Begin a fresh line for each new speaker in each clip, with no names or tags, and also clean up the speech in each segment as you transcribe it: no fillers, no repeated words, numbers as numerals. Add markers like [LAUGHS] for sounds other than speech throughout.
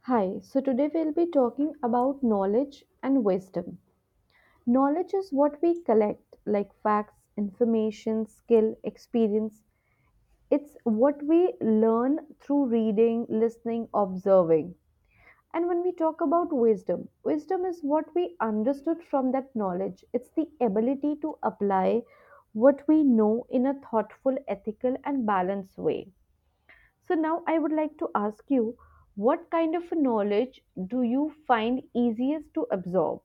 Hi, so today we'll be talking about knowledge and wisdom. Knowledge is what we collect, like facts, information, skill, experience. It's what we learn through reading, listening, observing. And when we talk about wisdom, wisdom is what we understood from that knowledge. It's the ability to apply what we know in a thoughtful, ethical, and balanced way. So now I would like to ask you what kind of knowledge do you find easiest to absorb?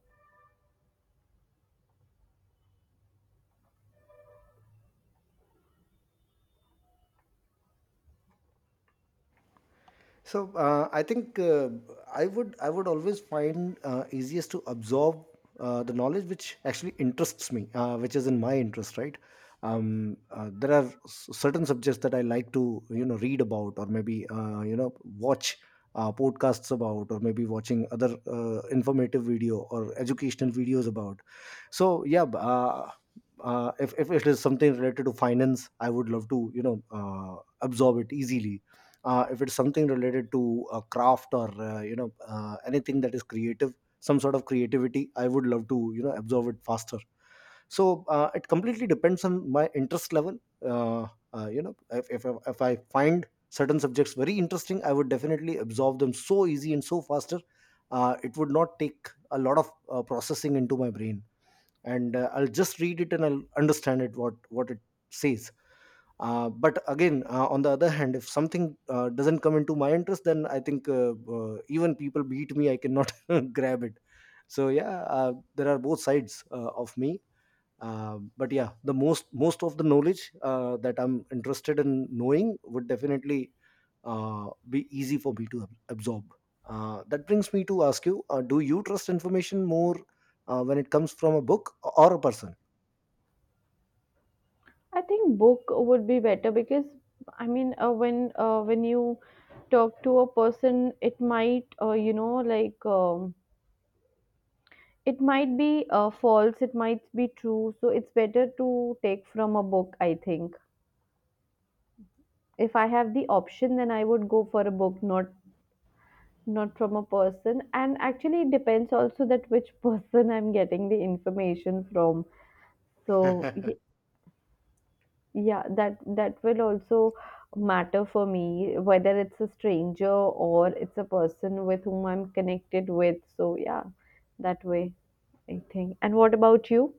I think I would always find easiest to absorb the knowledge which actually interests me, which is in my interest, right? There are certain subjects that I like to read about, or maybe watch podcasts about, or maybe watching other informative video or educational videos about. So yeah, if it is something related to finance, I would love to absorb it easily. If it's something related to a craft or anything that is creative, some sort of creativity, I would love to absorb it faster. So it completely depends on my interest level. uh, if I find certain subjects very interesting, I would definitely absorb them so easy and so faster. It would not take a lot of processing into my brain, and I'll just read it and I'll understand it what it says. But again, on the other hand, if something doesn't come into my interest, then I think, even people beat me, I cannot [LAUGHS] grab it. So yeah, there are both sides of me. But yeah, the most of the knowledge that I'm interested in knowing would definitely be easy for me to absorb. That brings me to ask you, do you trust information more when it comes from a book or a person?
I think book would be better because I mean when you talk to a person it might it might be false, it might be true, so it's better to take from a book, I think. If I have the option, then I would go for a book, not not from a person. And actually it depends also that which [LAUGHS] person I'm getting the information from. So y-
[LAUGHS]
yeah, that will also matter for me, whether it's a stranger or it's a person with whom I'm connected with. So yeah, that way I think. And what about you?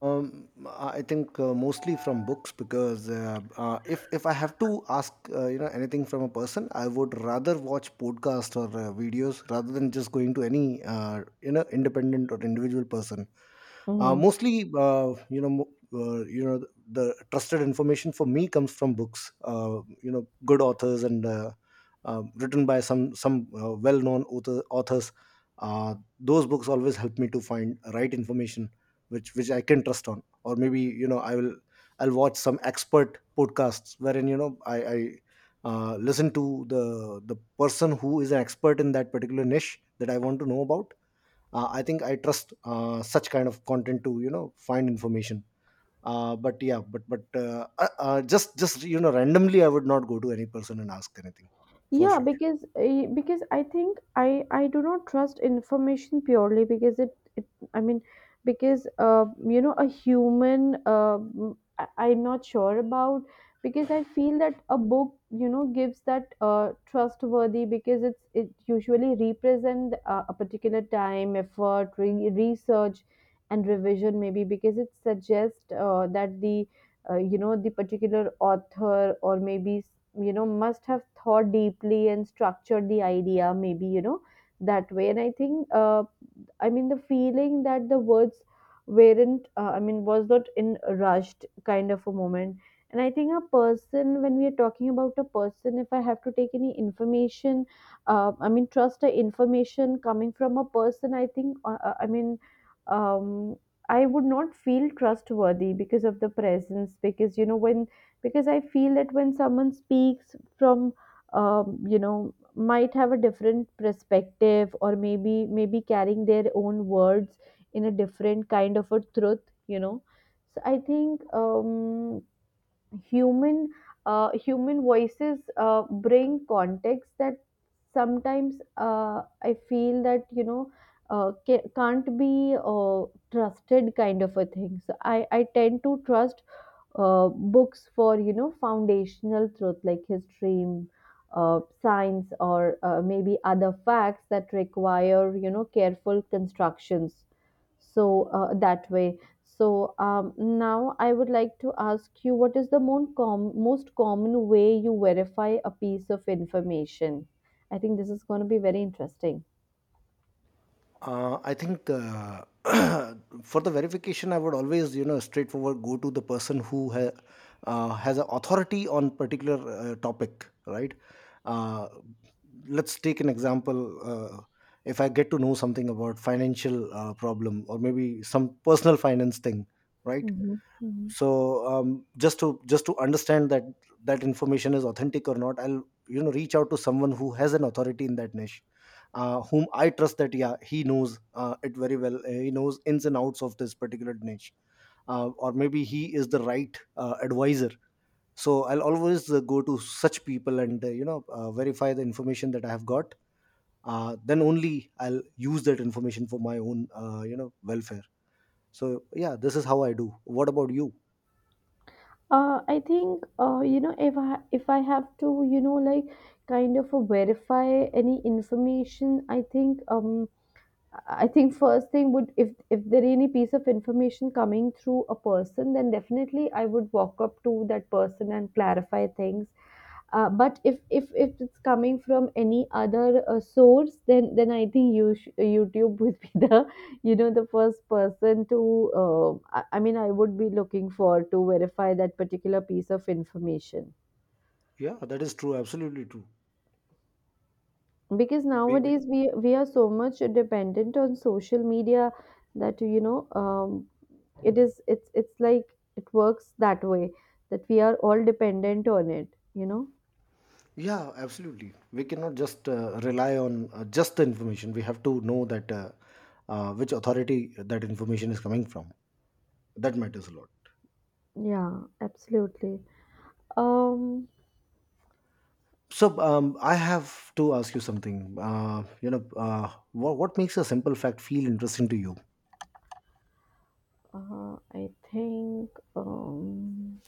I think mostly from books, because if I have to ask anything from a person, I would rather watch podcast or videos rather than just going to any independent or individual person. Uh,
Mm-hmm.
mostly you know mo- you know the trusted information for me comes from books, good authors, and written by some well known authors. Those books always help me to find right information which I can trust on. Or maybe I'll watch some expert podcasts wherein I listen to the person who is an expert in that particular niche that I want to know about. I think I trust such kind of content to find information. But yeah, but just randomly, I would not go to any person and ask anything for
Yeah,
sure.
because because I think I do not trust information purely because it. I mean, because you know, a human, I, I'm not sure about, because I feel that a book, you know, gives that trustworthy, because it's it usually represent a particular time, effort, research, and revision, maybe, because it suggests that the you know, the particular author, or maybe, you know, must have thought deeply and structured the idea, maybe, you know, that way. And I think I mean, the feeling that the words weren't, I mean, was not in a rushed kind of a moment. And I think a person, when we are talking about a person, if I have to take any information, I mean, trust the information coming from a person, I think, I mean, um, I would not feel trustworthy because of the presence, because, you know, when, because I feel that when someone speaks from, you know, might have a different perspective, or maybe carrying their own words in a different kind of a truth, you know. So I think human human voices bring context that sometimes I feel that, you know, can't be trusted, kind of a thing. So I tend to trust books for, you know, foundational truth like history, science, or maybe other facts that require, you know, careful constructions. So that way. So now I would like to ask you, what is the most, most common way you verify a piece of information? I think this is going to be very interesting.
I think [CLEARS THROAT] for the verification, I would always, straightforward go to the person who has a authority on particular topic, right? Uh, let's take an example. Uh, if I get to know something about financial problem, or maybe some personal finance thing, right?
Hmm.
So just to understand that that information is authentic or not, I'll reach out to someone who has an authority in that niche, whom I trust, that yeah, he knows it very well. He knows ins and outs of this particular niche. Or maybe he is the right advisor. So I'll always go to such people and verify the information that I have got. Then only I'll use that information for my own welfare. So yeah, this is how I do. What about you?
I think you know, if I have to, you know, like, kind of verify any information, I think first thing would, if there any piece of information coming through a person, then definitely I would walk up to that person and clarify things. But if it's coming from any other source, then I think you YouTube would be the [LAUGHS] you know, the first person to. I mean, I would be looking for to verify that particular piece of information,
Yeah, that is true. Absolutely true.
because
We
nowadays we are so much dependent on social media, that, you know, it is, it's like it works that way, that we are all dependent on it, you know.
Yeah, absolutely. We cannot just rely on just the information. We have to know that, which authority that information is coming from. That matters a lot.
Yeah, absolutely. um
So I have to ask you something. What makes a simple fact feel interesting to you?
I think um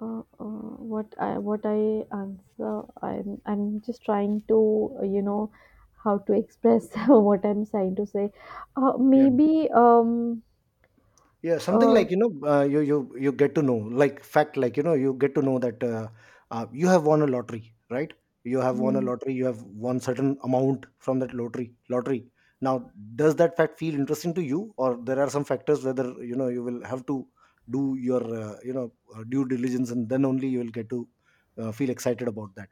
what I what I answer, I'm just trying to you know, how to express [LAUGHS] what I'm trying to say.
Yeah.
Maybe
Yeah, something
uh,
like you get to know like fact, like you get to know that you have won a lottery, right? You have won a
hmm.
lottery. You have won certain amount from that lottery. Lottery. Now, does that fact feel interesting to you, or there are some factors whether you will have to do your due diligence, and then only you will get to feel excited about that.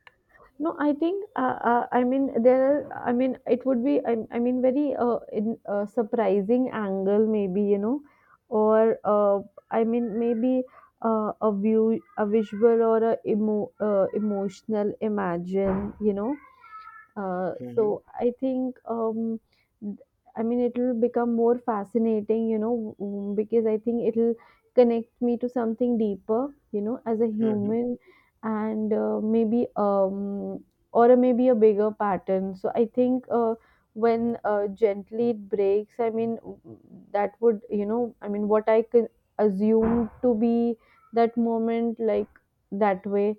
No, I think I mean, there are. I mean, it would be. I mean, very in surprising angle, maybe, you know, or I mean, maybe a view, a visual, or a emotional imagine, you know.
Mhm.
So I think, I mean, it'll become more fascinating, you know, because I think it'll connect me to something deeper, you know, as a
Mhm.
human, and maybe, or maybe a bigger pattern. So I think when gently it breaks, I mean, that would, you know, I mean, what I can assume to be that moment, like that way.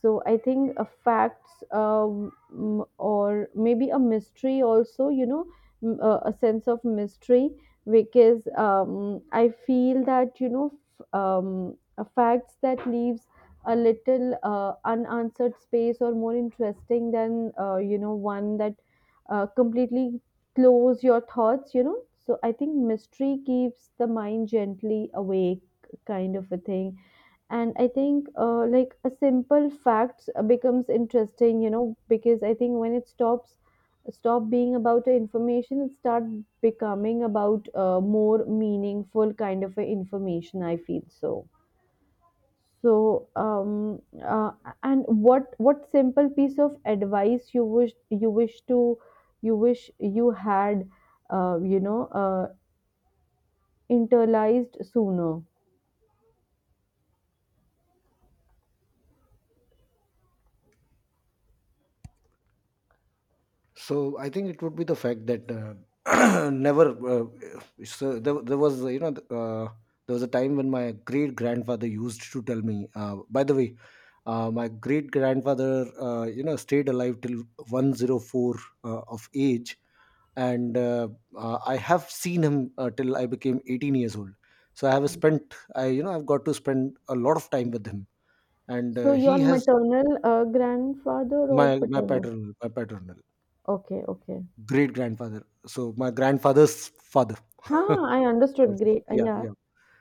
So I think facts, or maybe a mystery also, you know, a sense of mystery, because I feel that, you know, f- um, a facts that leaves a little unanswered space or more interesting than you know, one that completely close your thoughts, you know. So I think mystery keeps the mind gently awake, kind of a thing. And I think like a simple fact becomes interesting, you know, because I think when it stops stop being about the information, it start becoming about more meaningful kind of a information, I feel. So um uh, and what simple piece of advice you wish to you wish you had uh, you know uh, internalized sooner?
So I think it would be the fact that [CLEARS THROAT] never. So there was a time when my great grandfather used to tell me. By the way, my great grandfather stayed alive till 104 of age, and I have seen him till I became 18 years old. So I have spent I you know I've got to spend a lot of time with him, and
So your
he has.
maternal grandfather or
My
paternal?
paternal, my paternal.
Okay, okay.
Great grandfather. So my grandfather's father. [LAUGHS] I
Huh, I
would
understood.
say.
Great.
Yeah,
Yeah.
yeah.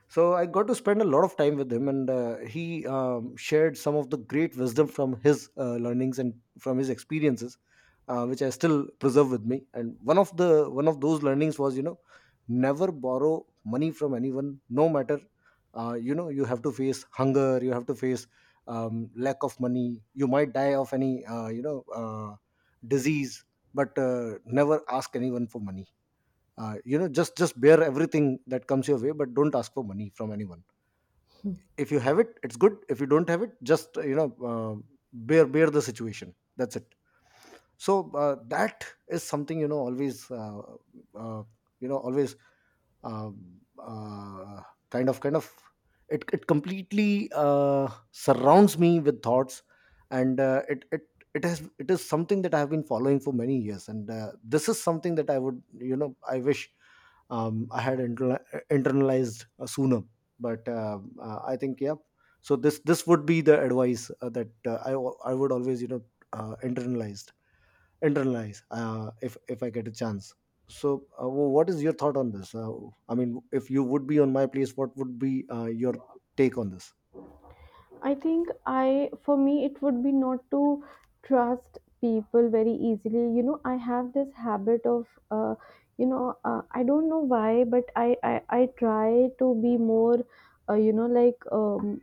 So I got to spend a lot of time with him, and he shared some of the great wisdom from his learnings and from his experiences, which I still preserve with me. And one of those learnings was, never borrow money from anyone, no matter. You have to face hunger, you have to face lack of money, you might die of any, disease, but never ask anyone for money. Just bear everything that comes your way, but don't ask for money from anyone. If you have it, it's good. If you don't have it, just bear the situation. That's it. So that is something, always uh, you know always um, uh, kind of it completely surrounds me with thoughts. And it is something that I have been following for many years. And this is something that I would you know I wish I had internalized sooner. But I think, yeah. So this would be the advice that I would always, uh, internalized internalize, if I get a chance. So, what is your thought on this? I mean, if you would be on my place, what would be your take on this?
I think I, for me, it would be not to trust people very easily. You know, I have this habit of, you know, I don't know why, but I try to be more, you know, like,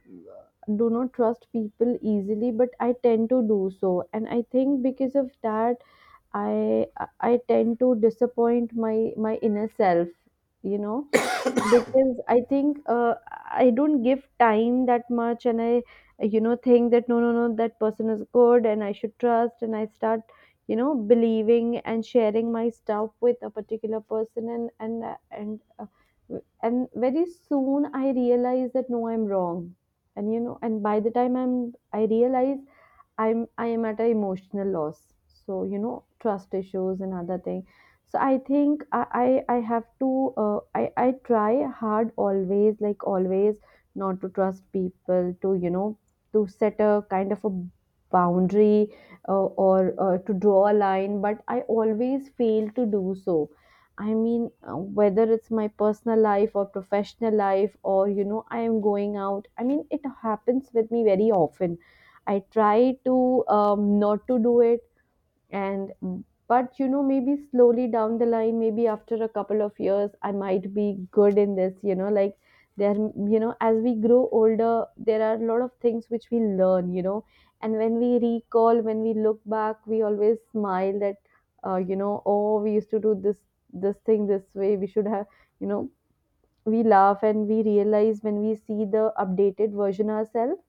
do not trust people easily, but I tend to do so. And I think because of that, I tend to disappoint my inner self, you know, because I think I don't give time that much, and I, you know, think that no, that person is good and I should trust, and I start, you know, believing and sharing my stuff with a particular person, and very soon I realize that no, I'm wrong. And you know, and by the time I realize, I'm I am at an emotional loss. So you know, trust issues and other thing. So I think I have to I try hard always, like always not to trust people, to you know, to set a kind of a boundary or to draw a line, but I always fail to do so. I mean whether it's my personal life or professional life, or you know, I am going out. I mean, it happens with me very often. I try to not to do it, and but you know, maybe slowly down the line, maybe after a couple of years, I might be good in this. You know, like there, you know, as we grow older, there are a lot of things which we learn. You know, and when we recall, when we look back, we always smile that you know, oh, we used to do this this thing this way. We should have, you know, we laugh and we realize when we see the updated version ourselves,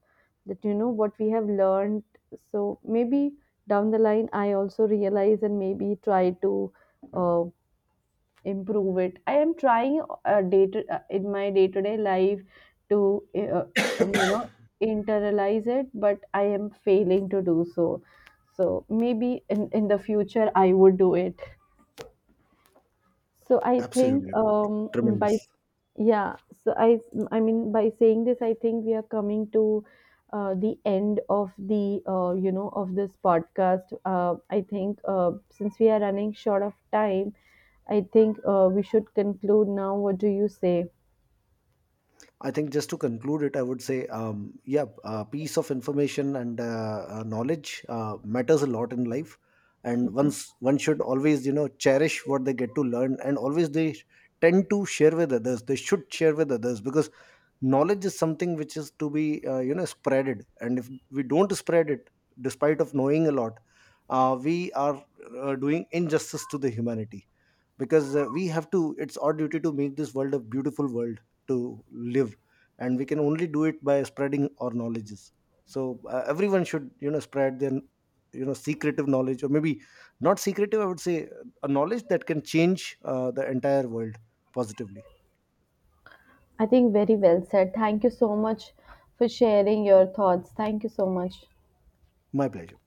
that you know, what we have learned. So maybe down the line I also realize, and maybe try to uh, improve it. I am trying in my day to day life to uh, you know, internalize it, but I am failing to do so. So maybe in the future, I would do it. So I
Absolutely
think by
tremendous.
yeah, so I mean, by saying this, I think we are coming to the end of the you know, of this podcast. I think since we are running short of time, I think we should conclude now. What do you say?
I think just to conclude it, I would say, yeah, piece of information and knowledge matters a lot in life, and
Mhm.
once, one should always, cherish what they get to learn, and always they tend to share with others. They should share with others because knowledge is something which is to be spreaded, and if we don't spread it, despite of knowing a lot, we are doing injustice to the humanity, because we have to it's our duty to make this world a beautiful world to live, and we can only do it by spreading our knowledges. So everyone should spread their, secretive knowledge, or maybe not secretive, I would say, a knowledge that can change the entire world positively.
I think very well said. Thank you so much for sharing your thoughts. Thank you so much.
My pleasure.